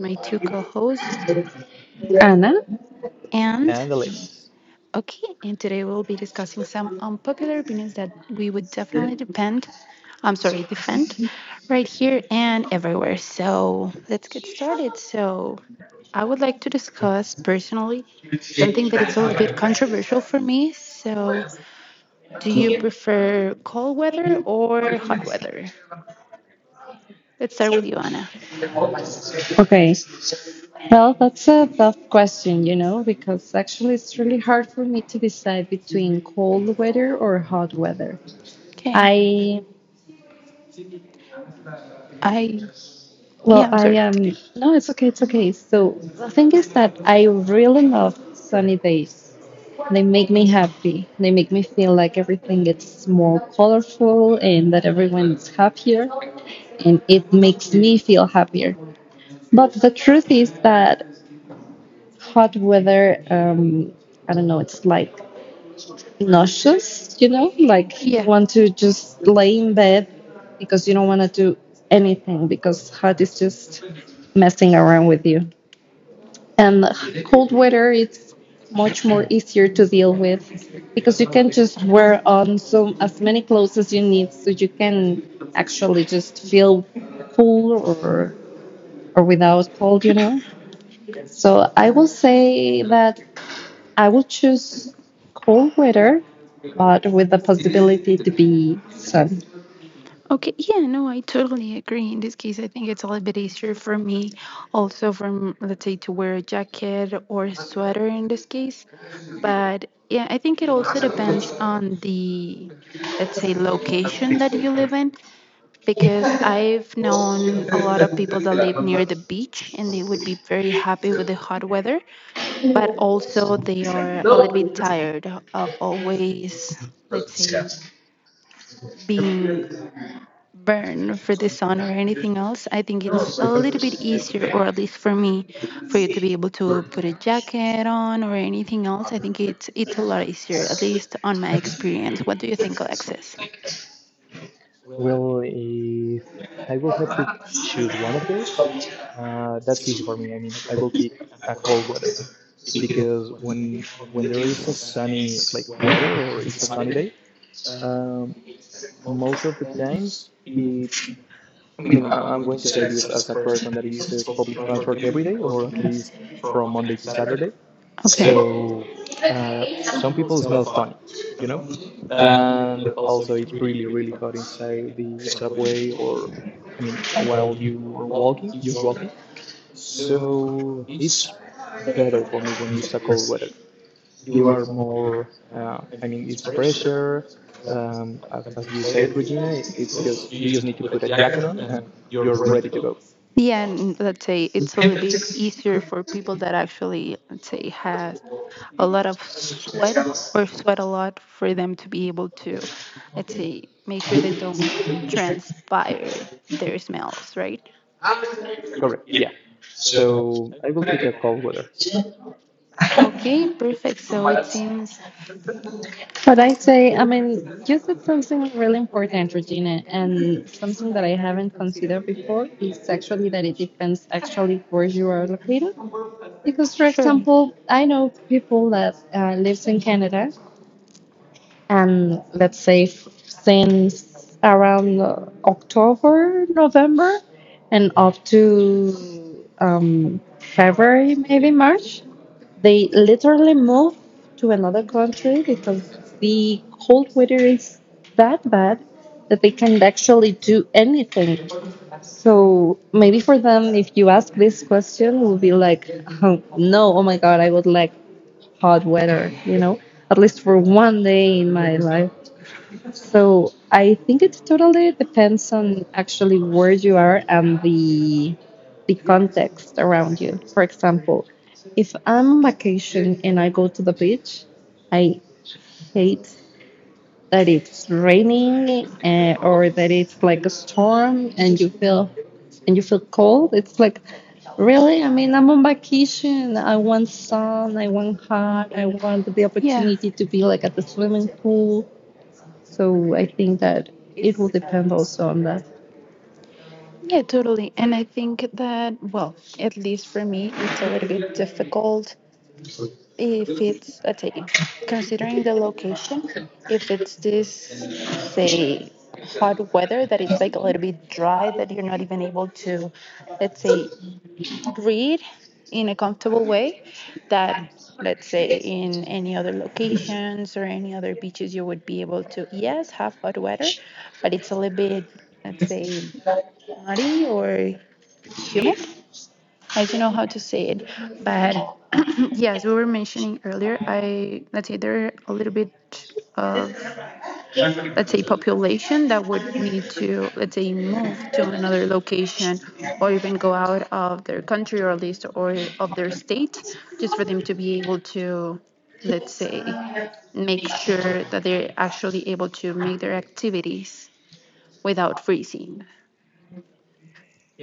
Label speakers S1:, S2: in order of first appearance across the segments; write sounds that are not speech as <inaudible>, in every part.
S1: my two co hosts.
S2: Anna?
S1: And
S3: And Alexis,
S1: okay, and today we'll be discussing some unpopular opinions that we would definitely defend right here and everywhere. So let's get started. So I would like to discuss personally something that it's a little bit controversial for me. So, do you prefer cold weather or hot weather? Let's start with you, Anna.
S2: Okay. Well, that's a tough question, because actually it's really hard for me to decide between cold weather or hot weather.
S1: Okay.
S2: I,
S1: I Yeah,
S2: well,
S1: I'm
S2: I
S1: sorry.
S2: am, No, it's okay, it's okay. So the thing is that I really love sunny days. They make me happy. They make me feel like everything gets more colorful and that everyone's happier, and it makes me feel happier. But the truth is that hot weather, I don't know, it's like nauseous, like you
S1: Yeah.
S2: want to just lay in bed because you don't want to do anything because hot is just messing around with you. And cold weather, it's much more easier to deal with because you can just wear on so as many clothes as you need so you can actually just feel cool or without cold. So I will say that I will choose cold weather, but with the possibility to be sun.
S1: Okay. Yeah, no, I totally agree. In this case, I think it's a little bit easier for me also from, let's say, to wear a jacket or a sweater in this case. But yeah, I think it also depends on the, let's say, location that you live in, because I've known a lot of people that live near the beach and they would be very happy with the hot weather, but also they are a little bit tired of always, let's say, being burned for the sun or anything else. I think it's a little bit easier, or at least for me, for you to be able to put a jacket on or anything else. I think it's a lot easier, at least on my experience. What do you think, Alexis?
S3: well, if I will have to choose one of those, that's easy for me. I mean, I will pick a cold weather because when there is a sunny like weather or it's a sunny day, um, most of the times it's. I mean, I'm going to say this as a person that uses public transport every day, or at least from Monday to Saturday.
S1: Okay.
S3: So uh, some people smell funny. you know. And also it's really hot inside the subway, or I mean while you are walking, just walking. So it's better for me when it's a cold weather. You are more I mean it's fresher. Um, as you said, Regina, it's just, you just need to put a jacket on and you're ready to go.
S1: Yeah, and let's say it's a little bit easier for people that actually, let's say, has a lot of sweat or sweat a lot for them to be able to, let's say, make sure they don't transpire their smells, right?
S3: Correct. Yeah, so I will pick a cold weather.
S1: Okay, perfect. So it seems
S2: But I say, I mean, you said something really important, Regina, and something that I haven't considered before is actually that it depends actually where you are located. Because, for
S1: sure.
S2: example, I know people that lives in Canada and let's say since around October, November, and up to February, maybe March, they literally move to another country because the cold weather is that bad that they can't actually do anything. So maybe for them, if you ask this question, will be like, "Oh, no, oh my God, I would like hot weather, at least for one day in my life." So I think it totally depends on actually where you are and the context around you. For example, if I'm on vacation and I go to the beach, I hate that it's raining or that it's like a storm and you feel cold. It's like really, I mean, I'm on vacation. I want sun. I want hot. I want the
S1: Yeah.
S2: opportunity to be like at the swimming pool, so I think that it will depend also on that.
S1: Yeah, totally. And I think that, well, at least for me, it's a little bit difficult if it's, let's say, considering the location, if it's this, say, hot weather that it's like a little bit dry, that you're not even able to, let's say, breathe in a comfortable way, that, let's say, in any other locations or any other beaches, you would be able to, yes, have hot weather, but it's a little bit, let's say, muddy or humid. I don't know how to say it, but <clears throat> yes, we were mentioning earlier. I let's say there are a little bit of let's say population that would need to let's say move to another location or even go out of their country or at least or of their state just for them to be able to let's say make sure that they're actually able to make their activities without freezing.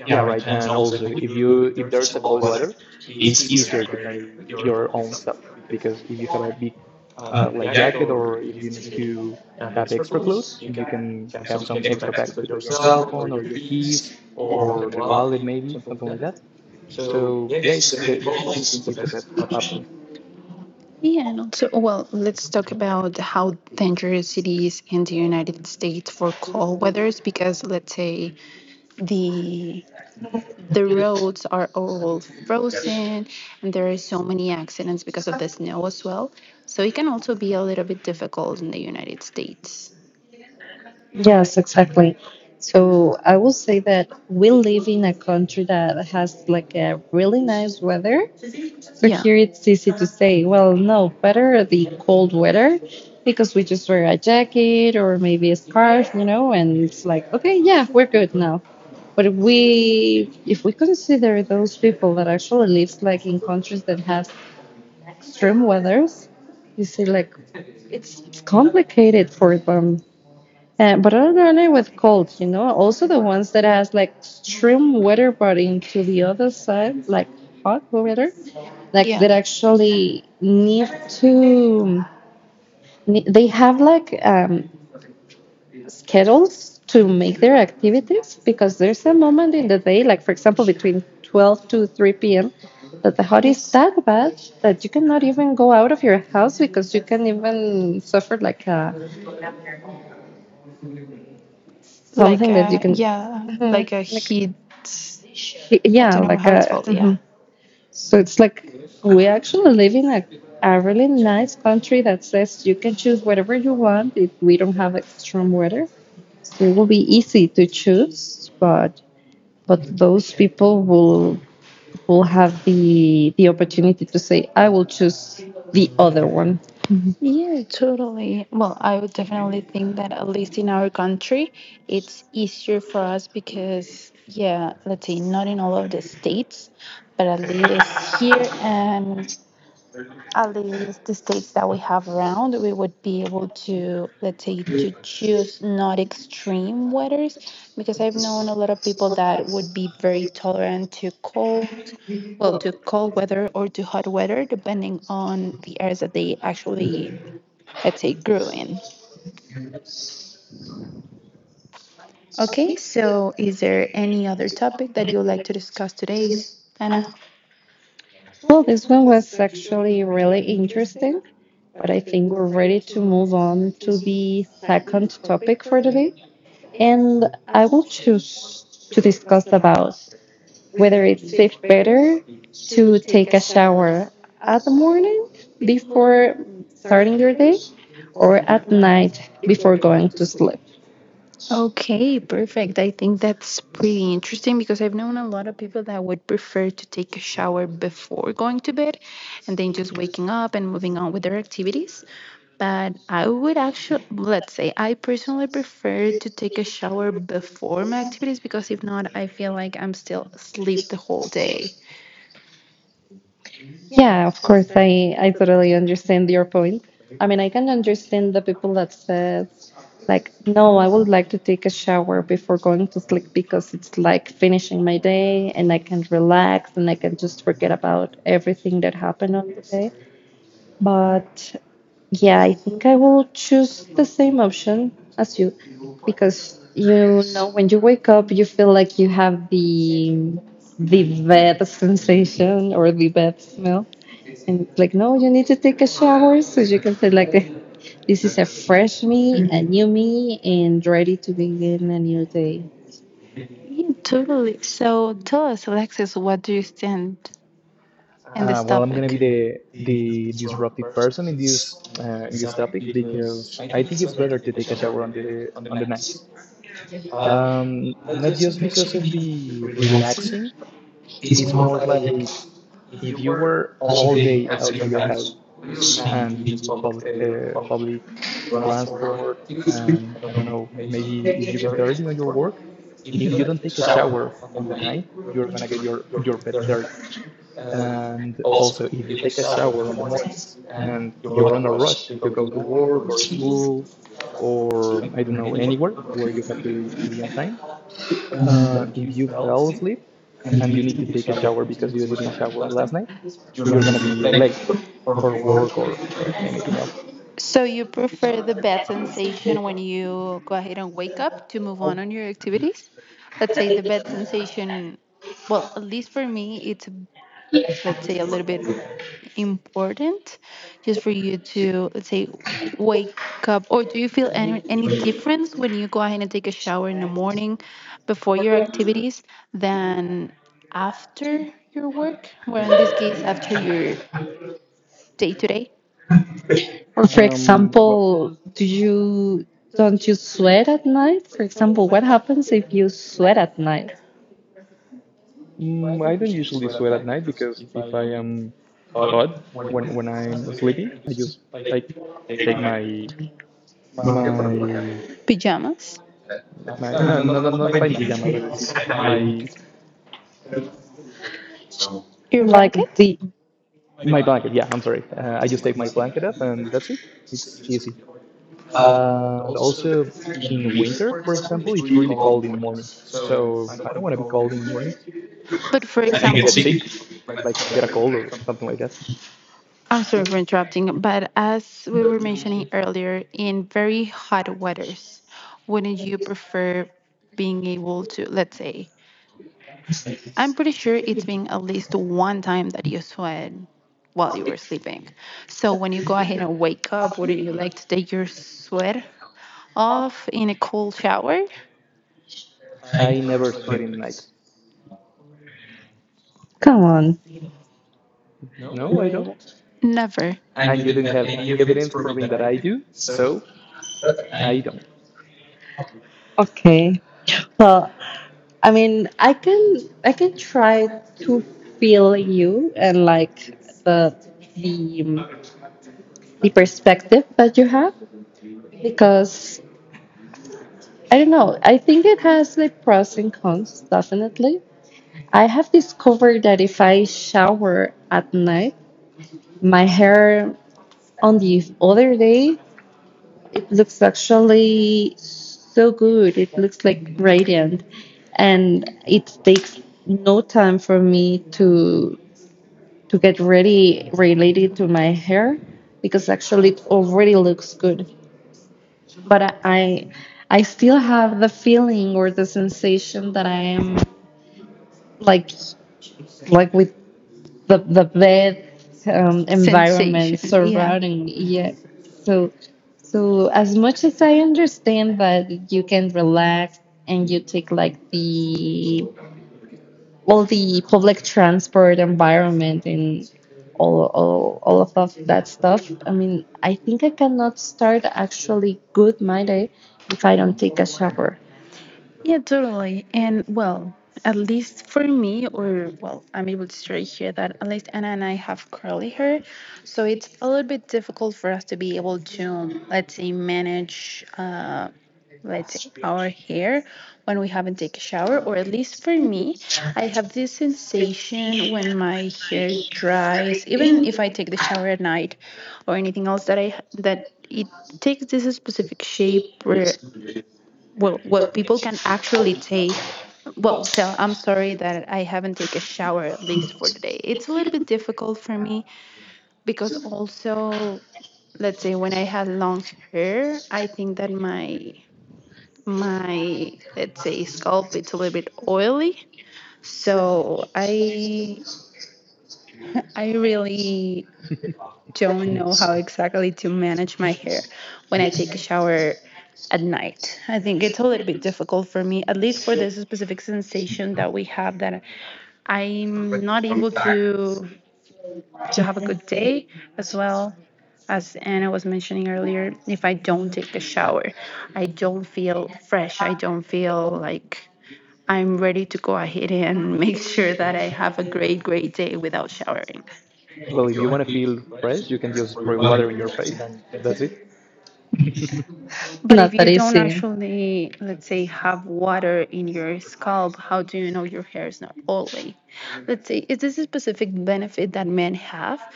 S3: Yeah, right. And also, if there's a cold weather, it's easier to carry your own stuff because if you have a big like jacket, or if you need to have extra clothes, you can have some extra packs to put your cell phone or your keys or the wallet, maybe something like that. So yeah, it's the cold. It's the best option.
S1: Yeah, and also, well, let's talk about how dangerous it is in the United States for cold weathers because let's say the the roads are all frozen and there are so many accidents because of the snow as well. So it can also be a little bit difficult in the United States.
S2: Yes, exactly. So I will say that we live in a country that has like a really nice weather. So
S1: Yeah.
S2: here it's easy to say, well, no, better
S1: Yeah.
S2: the cold weather because we just wear a jacket or maybe a scarf, and it's like, okay, yeah, we're good now. But we, if we consider those people that actually lives like in countries that have extreme weathers, you see, like, it's complicated for them. And, but I don't know with cold. Also the ones that has like extreme weather, but into the other side, like hot weather,
S1: Like
S2: like that actually need to. They have like schedules to make their activities because there's a moment in the day, like for example between 12 to 3 p.m. That the hot is that bad that you cannot even go out of your house because you can even suffer like a something that you
S1: a
S2: can
S1: yeah, like
S2: Mhm.
S1: a
S2: like
S1: heat, I
S2: yeah,
S1: don't know
S2: like
S1: how it's
S2: a
S1: called, yeah.
S2: mhm. So it's like we actually live in a really nice country that says you can choose whatever you want it, we don't have extreme weather so it will be easy to choose, but those people will have the opportunity to say I will choose the other one.
S1: Yeah, totally. Well, I would definitely think that at least in our country, it's easier for us because, yeah, let's see, not in all of the states, but at least here and at least the states that we have around, we would be able to, let's say, to choose not extreme weathers because I've known a lot of people that would be very tolerant to cold, well, to cold weather or to hot weather, depending on the areas that they actually, let's say, grew in. Okay, so is there any other topic that you would like to discuss today, Anna?
S2: Well, this one was actually really interesting, but I think we're ready to move on to the second topic for today. And I will choose to discuss about whether it feels better to take a shower at the morning before starting your day or at night before going to sleep.
S1: Okay, perfect. I think that's pretty interesting because I've known a lot of people that would prefer to take a shower before going to bed and then just waking up and moving on with their activities. But I would actually, let's say, I personally prefer to take a shower before my activities because if not, I feel like I'm still asleep the whole day.
S2: Yeah, of course, I totally understand your point. I mean, I can understand the people that say. Like, no, I would like to take a shower before going to sleep because it's like finishing my day and I can relax and I can just forget about everything that happened on the day. But yeah, I think I will choose the same option as you because you know when you wake up you feel like you have the bed <laughs> sensation or the bed smell and it's like, no, you need to take a shower so you can feel like <laughs> this is a fresh me, a new me, and ready to begin a new day.
S1: Yeah, totally. So tell us, Alexis, what do you stand in this
S3: Well, I'm gonna be
S1: topic?
S3: the disruptive person in this topic, because I think it's better to take a shower on the night. Not just because of the relaxing, it's more like, if you were all day outside your house and you use public public transport, I don't know, maybe if you get dirty on your work, if you don't take a shower on the night, you're gonna get your bed dirty. And also, if you take a shower on the mornings and you're on a rush to go to work or school, or I don't know, anywhere where you have to be on time, if you fell asleep and you need to take a shower because you didn't shower last night, you're gonna be late for work or anything else.
S1: So you prefer the bad sensation when you go ahead and wake up to move on your activities? Let's say the bad sensation, well, at least for me, it's let's say a little bit important just for you to let's say wake up. Or do you feel any difference when you go ahead and take a shower in the morning before your activities than after your work, well, in this case after your day-to-day
S2: Or for
S3: Well,
S2: example, do you don't you sweat at night? For example, what happens if you sweat at night?
S3: I don't usually sweat at night because if I am hot when I'm sleeping, I just like take my my
S1: pajamas,
S3: my no, no, no, not my pajama, but it's my
S1: your
S2: Like
S1: blanket?
S2: the,
S3: blanket. Yeah, I'm sorry. I just take my blanket up and that's it. It's easy. And also in winter, for example, it's really cold in the mornings. So I don't want to be cold in the mornings.
S1: But for
S3: I can get
S1: example,
S3: sick, like get a cold or something like that.
S1: I'm sorry for interrupting, but as we were mentioning earlier, in very hot weathers, wouldn't you prefer being able to, let's say, I'm pretty sure it's been at least one time that you sweat while you were sleeping. So when you go ahead and wake up, wouldn't you like to take your sweat off in a cold shower?
S3: I never sweat in nights.
S2: come on,
S3: No, I don't.
S2: really?
S1: Never.
S3: And you don't have any evidence proving that I do. So I don't.
S2: Okay. Well, I mean, I can try to feel you and like the the um, the perspective that you have because I don't know. I think it has like pros and cons, definitely. I have discovered that if I shower at night, my hair on the other day, it looks actually so good. It looks like radiant, and it takes no time for me to get ready related to my hair because actually it already looks good. But I still have the feeling or the sensation that I am like like with the bed environment
S1: Sensation. Yeah.
S2: surrounding me. Yeah. So so as much as I understand that you can relax and you take like the all the public transport environment and all of that stuff. I mean, I think I cannot start actually good my day if I don't take a shower.
S1: Yeah, totally. And well, at least for me, or well, I'm able to share here that at least Anna and I have curly hair. So it's a little bit difficult for us to be able to, let's say, manage, let's say, our hair when we haven't taken a shower. Or at least for me, I have this sensation when my hair dries, even if I take the shower at night or anything else, that I, that it takes this specific shape where well people can actually take well tell. I'm sorry that I haven't taken a shower at least for today. It's a little bit difficult for me because also, let's say, when I had long hair, I think that my let's say scalp, it's a little bit oily, so I really don't
S3: Mm.
S1: know how exactly to manage my hair when I take a shower at night. I think it's a little bit difficult for me, at least for this specific sensation that we have, that I'm not able to have a good day as well as Anna was mentioning earlier. If I don't take a shower, I don't feel fresh. I don't feel like I'm ready to go ahead and <laughs> make sure that I have a great day without showering.
S3: Well, if you want to feel fresh, you can just spray water in your face and that's it.
S1: But if
S2: Not
S1: you
S2: that
S1: don't
S2: easy.
S1: actually, let's say, have water in your scalp, how do you know your hair is not oily? Let's say, is this a specific benefit that men have?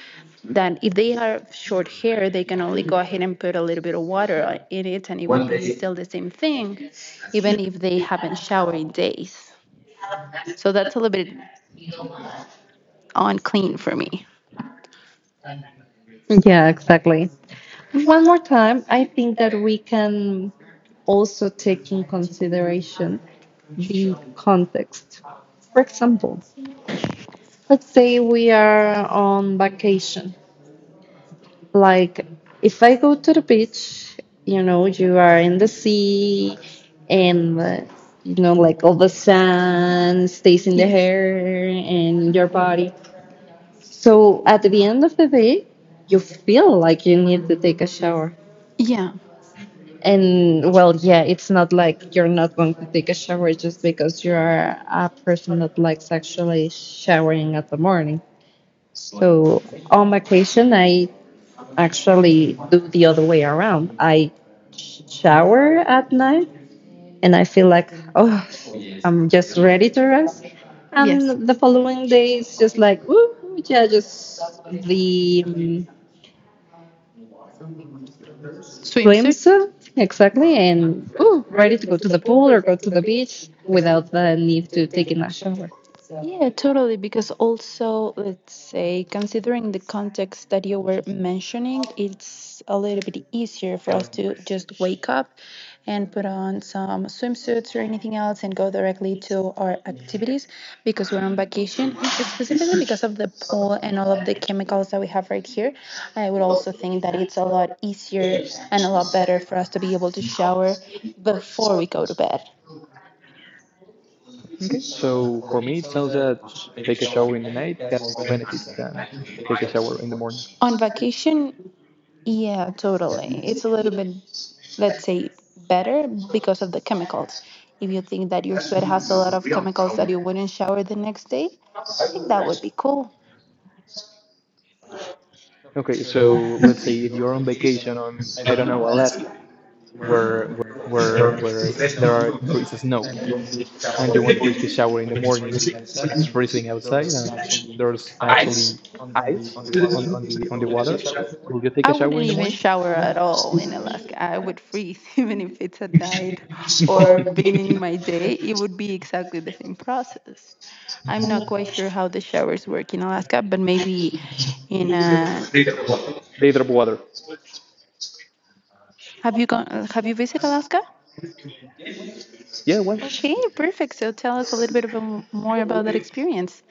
S1: That if they have short hair, they can only go ahead and put a little bit of water in it and it would be still the same thing, even if they haven't showered in days. So that's a little bit unclean for me.
S2: Yeah, exactly. One more time, I think that we can also take in consideration the context. For example, let's say we are on vacation. Like, if I go to the beach, you are in the sea and, like all the sand stays in the
S1: Yes.
S2: hair and in your body. So at the end of the day, you feel like you need to take a shower.
S1: Yeah.
S2: And well, yeah, it's not like you're not going to take a shower just because you are a person that likes actually showering at the morning. So on vacation, I actually do the other way around. I shower at night and I feel like, oh, I'm just ready to rest.
S1: Yes.
S2: And the following day, it's just like, ooh, yeah, just the swims
S1: Swimsuit?
S2: exactly, and ooh, ready to go to the pool or go to the beach without the need to taking a shower.
S1: So, yeah, totally. Because also, let's say, considering the context that you were mentioning, it's a little bit easier for us to just wake up and put on some swimsuits or anything else and go directly to our activities because we're on vacation. And specifically because of the pool and all of the chemicals that we have right here, I would also think that it's a lot easier and a lot better for us to be able to shower before we go to bed.
S3: Okay. So for me, it sounds that take a shower in the night has more benefits than take a shower in the morning.
S1: On vacation, yeah, totally. It's a little bit, let's say, better because of the chemicals. If you think that your sweat has a lot of chemicals that you wouldn't shower the next day, I think that would be cool.
S3: Okay, so let's say if you're on vacation on, I don't know, Alaska, where there are there is snow, and you want to take a shower in the morning when it's freezing outside and there's actually ice on the water, will you take
S1: I
S3: a shower
S1: wouldn't
S3: in the
S1: even
S3: morning? <laughs>
S1: shower at all in Alaska. I would freeze <laughs> even if it's at night or beginning my day. It would be exactly the same process. I'm not quite sure how the showers work in Alaska, but maybe in
S3: They drop water.
S1: have you gone have you visited Alaska?
S3: Yeah, what?
S1: Okay, perfect. So tell us a little bit about, more about that experience.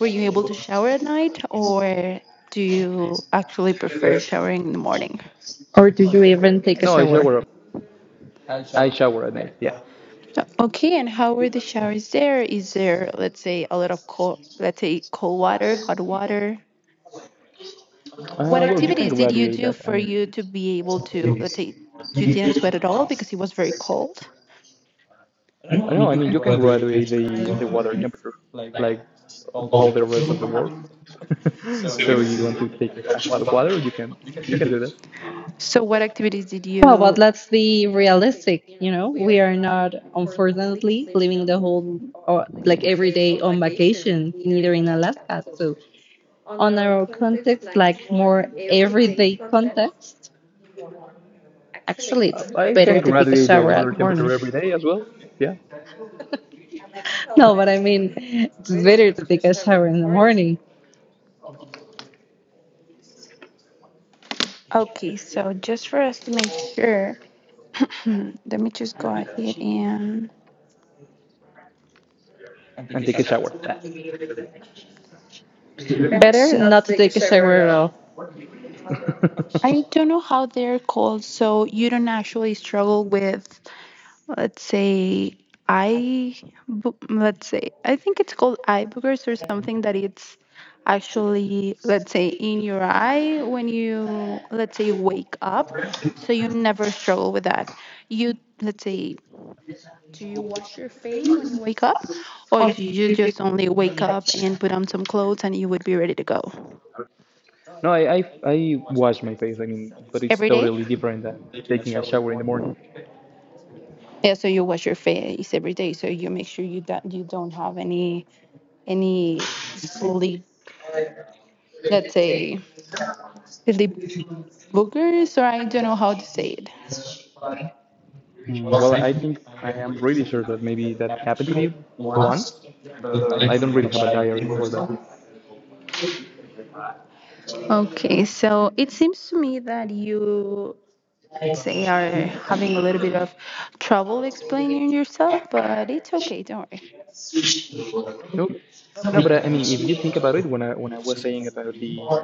S1: Were you able to shower at night or do you actually prefer showering in the morning?
S2: Or do you even take a
S3: No, I
S2: shower?
S3: shower at night. I shower at night. Yeah.
S1: Okay, and how were the showers there? Is there, let's say, a lot of cold, let's say, cold water, hot water? What
S3: Well, you can
S1: activities did you
S3: graduate
S1: do
S3: that. I
S1: for
S3: mean,
S1: you to be able to, let's say, you didn't sweat at all because it was very cold?
S3: no, I mean you can graduate the water temperature like all the rest of the world. <laughs> So you want to take a hot water? You can do that.
S1: So, what activities did
S2: Well, but
S1: you?
S2: let's be realistic. You know, we are not, unfortunately, living the whole or like every day on vacation, neither in Alaska. So, on our context, like more everyday context, actually,
S3: Uh,
S2: it's
S3: I can
S2: better to take a
S3: graduate the
S2: shower
S3: water
S2: at morning.
S3: temperature
S2: <laughs>
S3: every day as well. Yeah,
S2: No, but I mean, it's better to take a shower in the morning,
S1: Okay, so just for us to make sure, <clears throat> let me just go ahead and.
S3: and take a shower. Ah.
S2: better not to take a shower at all.
S1: I
S3: <laughs>
S1: don't know how they're called, so you don't actually struggle with, let's say, eye, let's say, I think it's called eye boogers or something that it's actually, let's say, in your eye when you, let's say, wake up. So you never struggle with that. You, let's say, do you wash your face when you wake up, or do you just only wake up and put on some clothes and you would be ready to go?
S3: No, I wash my face. I mean, but it's
S1: Every day?
S3: totally different than taking a shower in the morning.
S1: Yeah, so you wash your face every day, so you make sure you don't have any sleep, let's say sleep boogers, or I don't know how to say it.
S3: Mm, well, I think I am really sure that maybe that happened to me once. But I don't really have a diary for that.
S1: Okay, so it seems to me that you say are having a little bit of trouble explaining yourself, but it's okay, don't worry.
S3: Okay. No, but I mean, if you think about it, when I was saying about the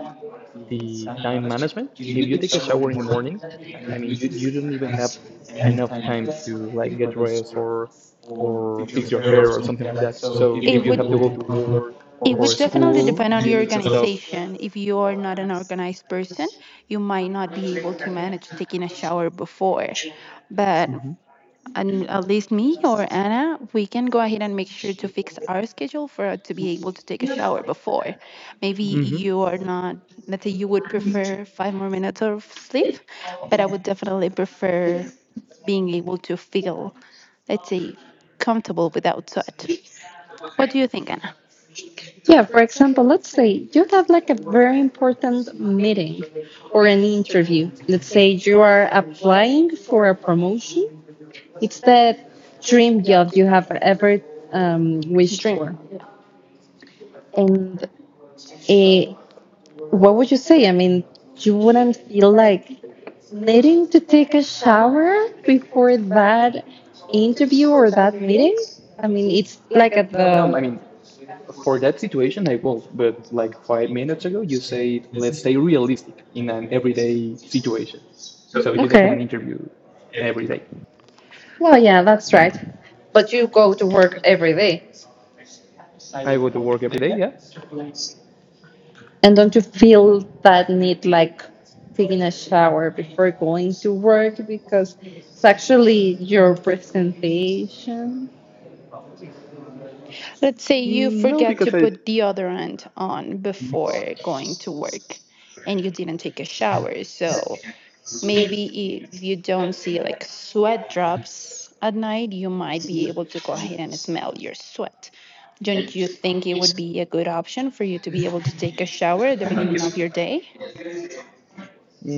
S3: time management, if you take a shower in the morning, I mean, you don't even have enough time to like get dressed, or fix your hair or something like that. So if you have to go to work
S1: Would
S3: or
S1: definitely
S3: school,
S1: depend on
S3: you
S1: your
S3: need to stop.
S1: organization. If you are not an organized person, you might not be able to manage taking a shower before. But
S3: Hmm,
S1: and at least me or Anna, we can go ahead and make sure to fix our schedule for us to be able to take a shower before. Maybe
S3: hmm.
S1: you are not, let's say you would prefer 5 more minutes of sleep, but I would definitely prefer being able to feel, let's say, comfortable without sweat. What do you think, Anna?
S2: Yeah, for example, let's say you have like a very important meeting or an interview. Let's say you are applying for a promotion. It's that dream job you have ever wished for. And eh, what would you say? I mean, you wouldn't feel like needing to take a shower before that interview or that meeting? I mean, it's like at
S3: No,
S2: the.
S3: I mean, for that situation, I will. But like 5 minutes ago, you said let's stay realistic in an everyday situation. So you don't have
S2: Okay.
S3: an interview every day.
S2: Well, yeah, that's right. But you go to work every day.
S3: I go to work every day, yeah?
S2: And don't you feel that need like taking a shower before going to work because it's actually your presentation?
S1: Let's say you
S3: No,
S1: forget to
S3: because
S1: put deodorant on before going to work and you didn't take a shower. So maybe if you don't see like sweat drops at night, you might be able to go ahead and smell your sweat. Don't you think it would be a good option for you to be able to take a shower at the beginning of your day?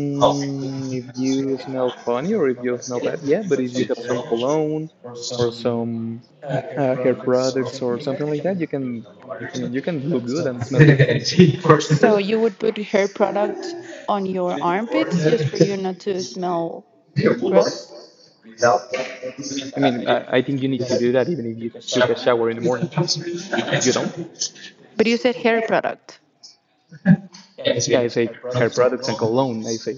S3: If you smell funny or if you smell bad, yeah, but if you have some cologne or some hair products or something like that, you can. I mean, you can look good and smell good.
S1: So you would put hair product on your armpits for you not to smell gross.
S3: I mean, I think you need to do that even if you took a shower in the morning. You don't?
S1: But you said hair product. Yeah,
S3: Yeah, I say hair products and cologne, I say.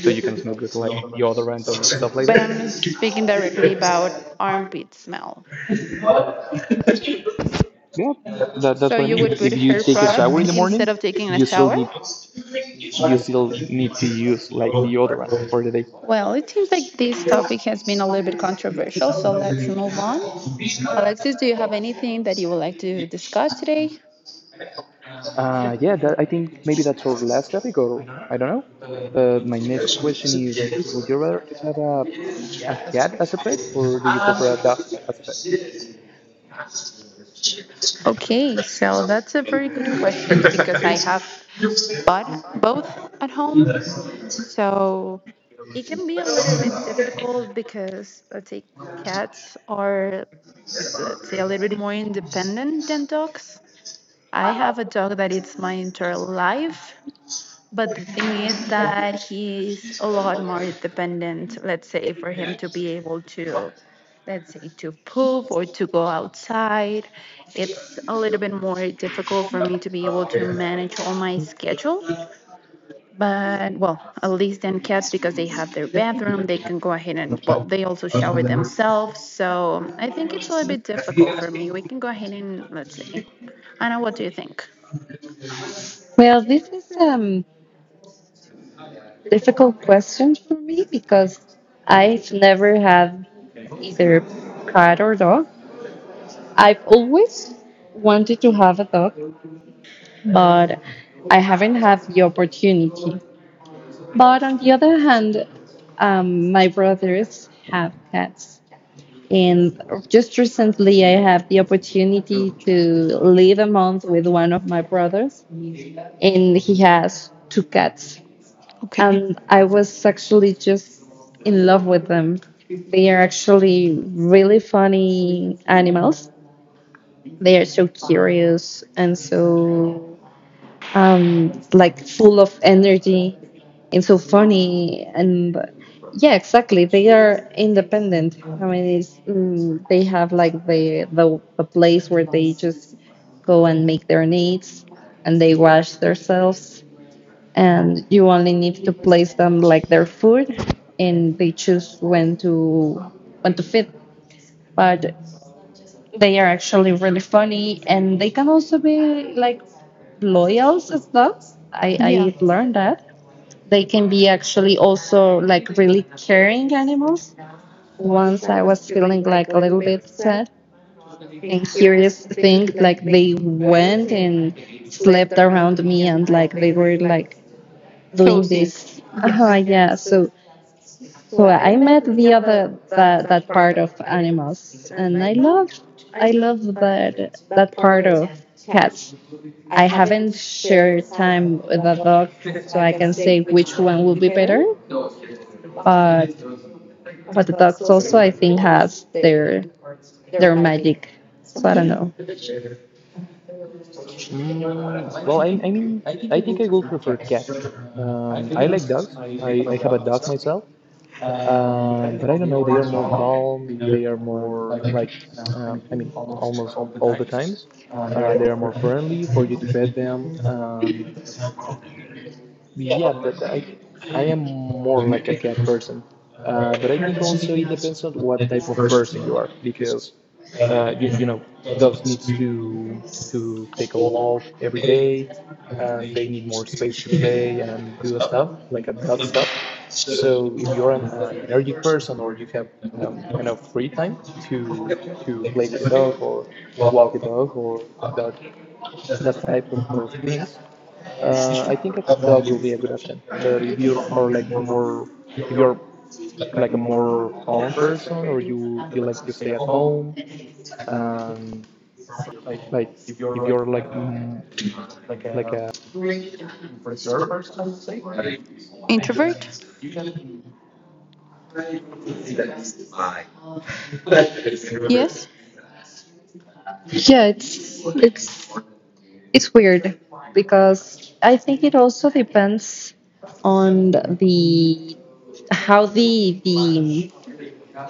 S3: So you can smell good, like deodorant and stuff like that.
S1: but I'm speaking directly about armpit smell.
S3: Yeah, that's
S1: So
S3: what I
S1: you
S3: mean.
S1: would put
S3: If you
S1: hair
S3: take a shower
S1: product
S3: in the morning,
S1: instead of taking a
S3: you still
S1: shower?
S3: need, you still need to use like deodorant for the day.
S1: Well, it seems like this topic has been a little bit controversial, so let's move on. Alexis, do you have anything that you would like to discuss today?
S3: Yeah, that, I think maybe that's our last topic, or I don't know. But my next question is: would you rather to have a cat as a pet, or do you prefer a dog as a pet?
S1: Okay, so that's a very good question because I have bought both at home. So it can be a little bit difficult because, let's say, cats are, let's say, a little bit more independent than dogs. I have a dog that it's my entire life, but the thing is that he is a lot more dependent, let's say, for him to be able to, let's say, to poop or to go outside. It's a little bit more difficult for me to be able to manage all my schedule, but well, at least then cats, because they have their bathroom, they can go ahead and, well, they also shower themselves. So I think it's a little bit difficult for me. We can go ahead and let's see. Anna, what do you think?
S2: Well, this is difficult question for me because I've never had either cat or dog. I've always wanted to have a dog, but I haven't had the opportunity. But on the other hand, my brothers have cats. And just recently, I had the opportunity to live a month with one of my brothers, and he has two cats.
S1: Okay.
S2: And I was actually just in love with them. They are actually really funny animals. They are so curious and so like full of energy and so funny, and yeah, exactly, they are independent. I mean, they have like the place where they just go and make their needs and they wash themselves and you only need to place them like their food and they choose when to feed, but they are actually really funny and they can also be like loyals as
S1: The
S2: dogs. I learned
S1: yeah.
S2: that. They can be actually also like really caring animals. Once I was feeling like a little bit sad and curious thing, like they went and slept around me and like they were like doing
S1: Cozy.
S2: this.
S1: Yes.
S2: Yeah. So I met the other that part of animals and I love that that part of cats. I haven't shared time with a dog, so I can say which one will be better. But but the dogs also, I think, has their magic. So I don't
S1: Yeah.
S2: know.
S3: Mm, well, I mean, I think I will prefer cats. I like dogs. I have a dog myself, but I don't know. They are more calm. They are more like, I mean, almost all the times. They are more friendly for you to pet them. Yeah, I am more like a cat person. Uh, but I think also it depends on what type of person you are, because you know dogs needs to take a walk every day and they need more space to play and do stuff like a dog stuff. So if you're an energetic person, or you have enough free time to to play with the dog or walk the dog or that that type of things, I think a dog will be a good option. But if you are like more, if you're like a more calm person, or you like to stay at home, and like if you're like m like a
S1: Introvert? Yes.
S2: Yeah, it's weird because I think it also depends on the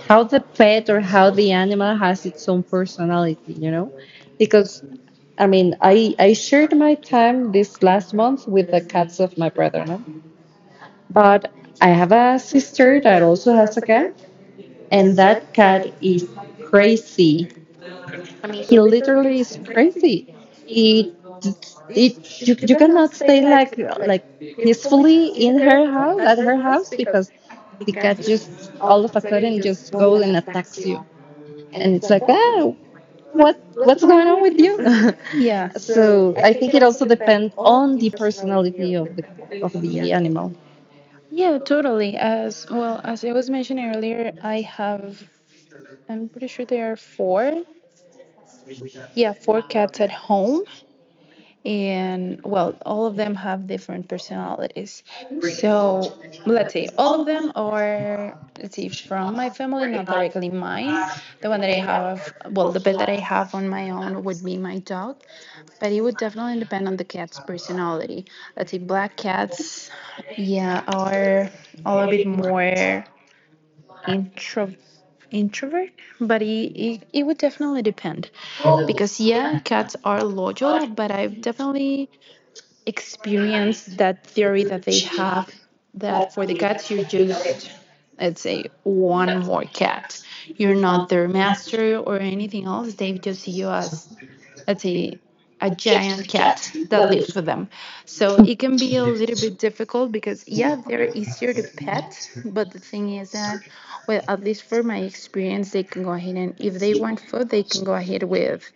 S2: how the pet or how the animal has its own personality. You know, because I mean, I shared my time this last month with the cats of my brother, no? But I have a sister that also has a cat, and that cat is crazy. I mean, he literally is crazy. It it You cannot stay like peacefully in her house at her house because the cat just all of a sudden just goes and attacks you, and it's like, ah, what's going on with you? <laughs>
S1: Yeah,
S2: So I think it also depends on the personality of the animal.
S1: yeah, totally. As well as I was mentioning earlier, I'm pretty sure there are four. Yeah, four cats at home. And well, all of them have different personalities. So let's see, all of them are, let's see, from my family, not directly mine. The one that I have, well, the pet that I have on my own would be my dog, but it would definitely depend on the cat's personality. Let's see, black cats, yeah, are a little bit more intro introvert, but it would definitely depend because, yeah, cats are loyal, but I've definitely experienced that theory that they have, that for the cats you're just, let's say, one more cat. You're not their master or anything else. They just see you as, let's say, a giant cat that lives with them. So it can be a little bit difficult because, yeah, they're easier to pet, but the thing is that, well, at least for my experience, they can go ahead and, if they want food, they can go ahead with,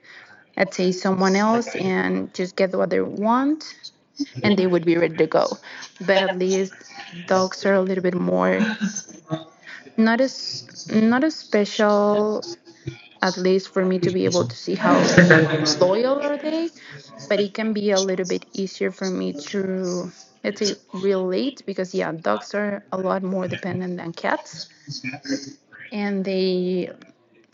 S1: let's say, someone else and just get what they want and they would be ready to go. But at least dogs are a little bit more not as not as special, at least for me to be able to see how loyal are they, but it can be a little bit easier for me to, let's say, relate because, yeah, dogs are a lot more dependent than cats and they,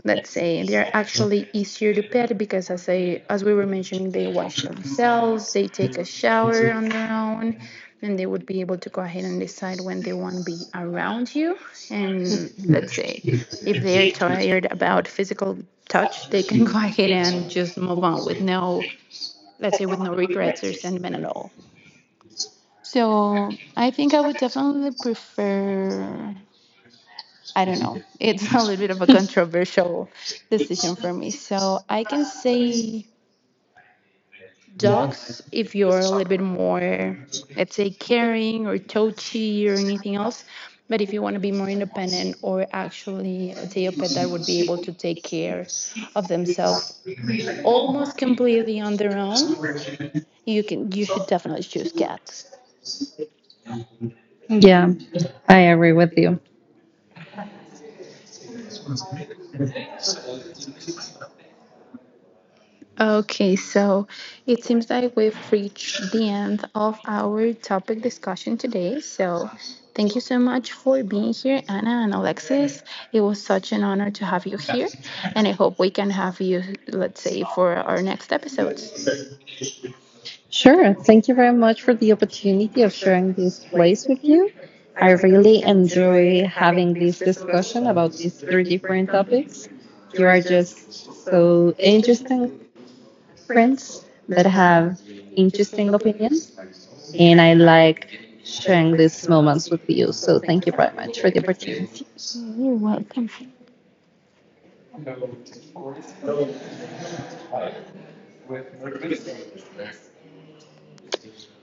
S1: let's say, they're actually easier to pet because, as we were mentioning, they wash themselves, they take a shower on their own and they would be able to go ahead and decide when they want to be around you and, let's say, if they're tired about physical touch, they can <laughs> go ahead and just move on with no, let's say, with no regrets or sentiment at all. So I think I would definitely prefer. I don't know. <laughs> It's a little bit of a controversial decision for me. So I can say dogs if you're a little bit more, let's say, caring or touchy or anything else. But if you want to be more independent or actually, let's say, a pet that would be able to take care of themselves almost completely on their own, you should definitely choose cats.
S2: Yeah, I agree with you.
S1: Okay, so it seems like we've reached the end of our topic discussion today. So thank you so much for being here, Anna and Alexis. It was such an honor to have you here, and I hope we can have you, let's say, for our next episodes.
S2: Sure, thank you very much for the opportunity of sharing this place with you. I really enjoy having this discussion about these three different topics. You are just so interesting friends that have interesting opinions, and I like sharing these moments with you. So thank you very much for the opportunity.
S1: You're welcome.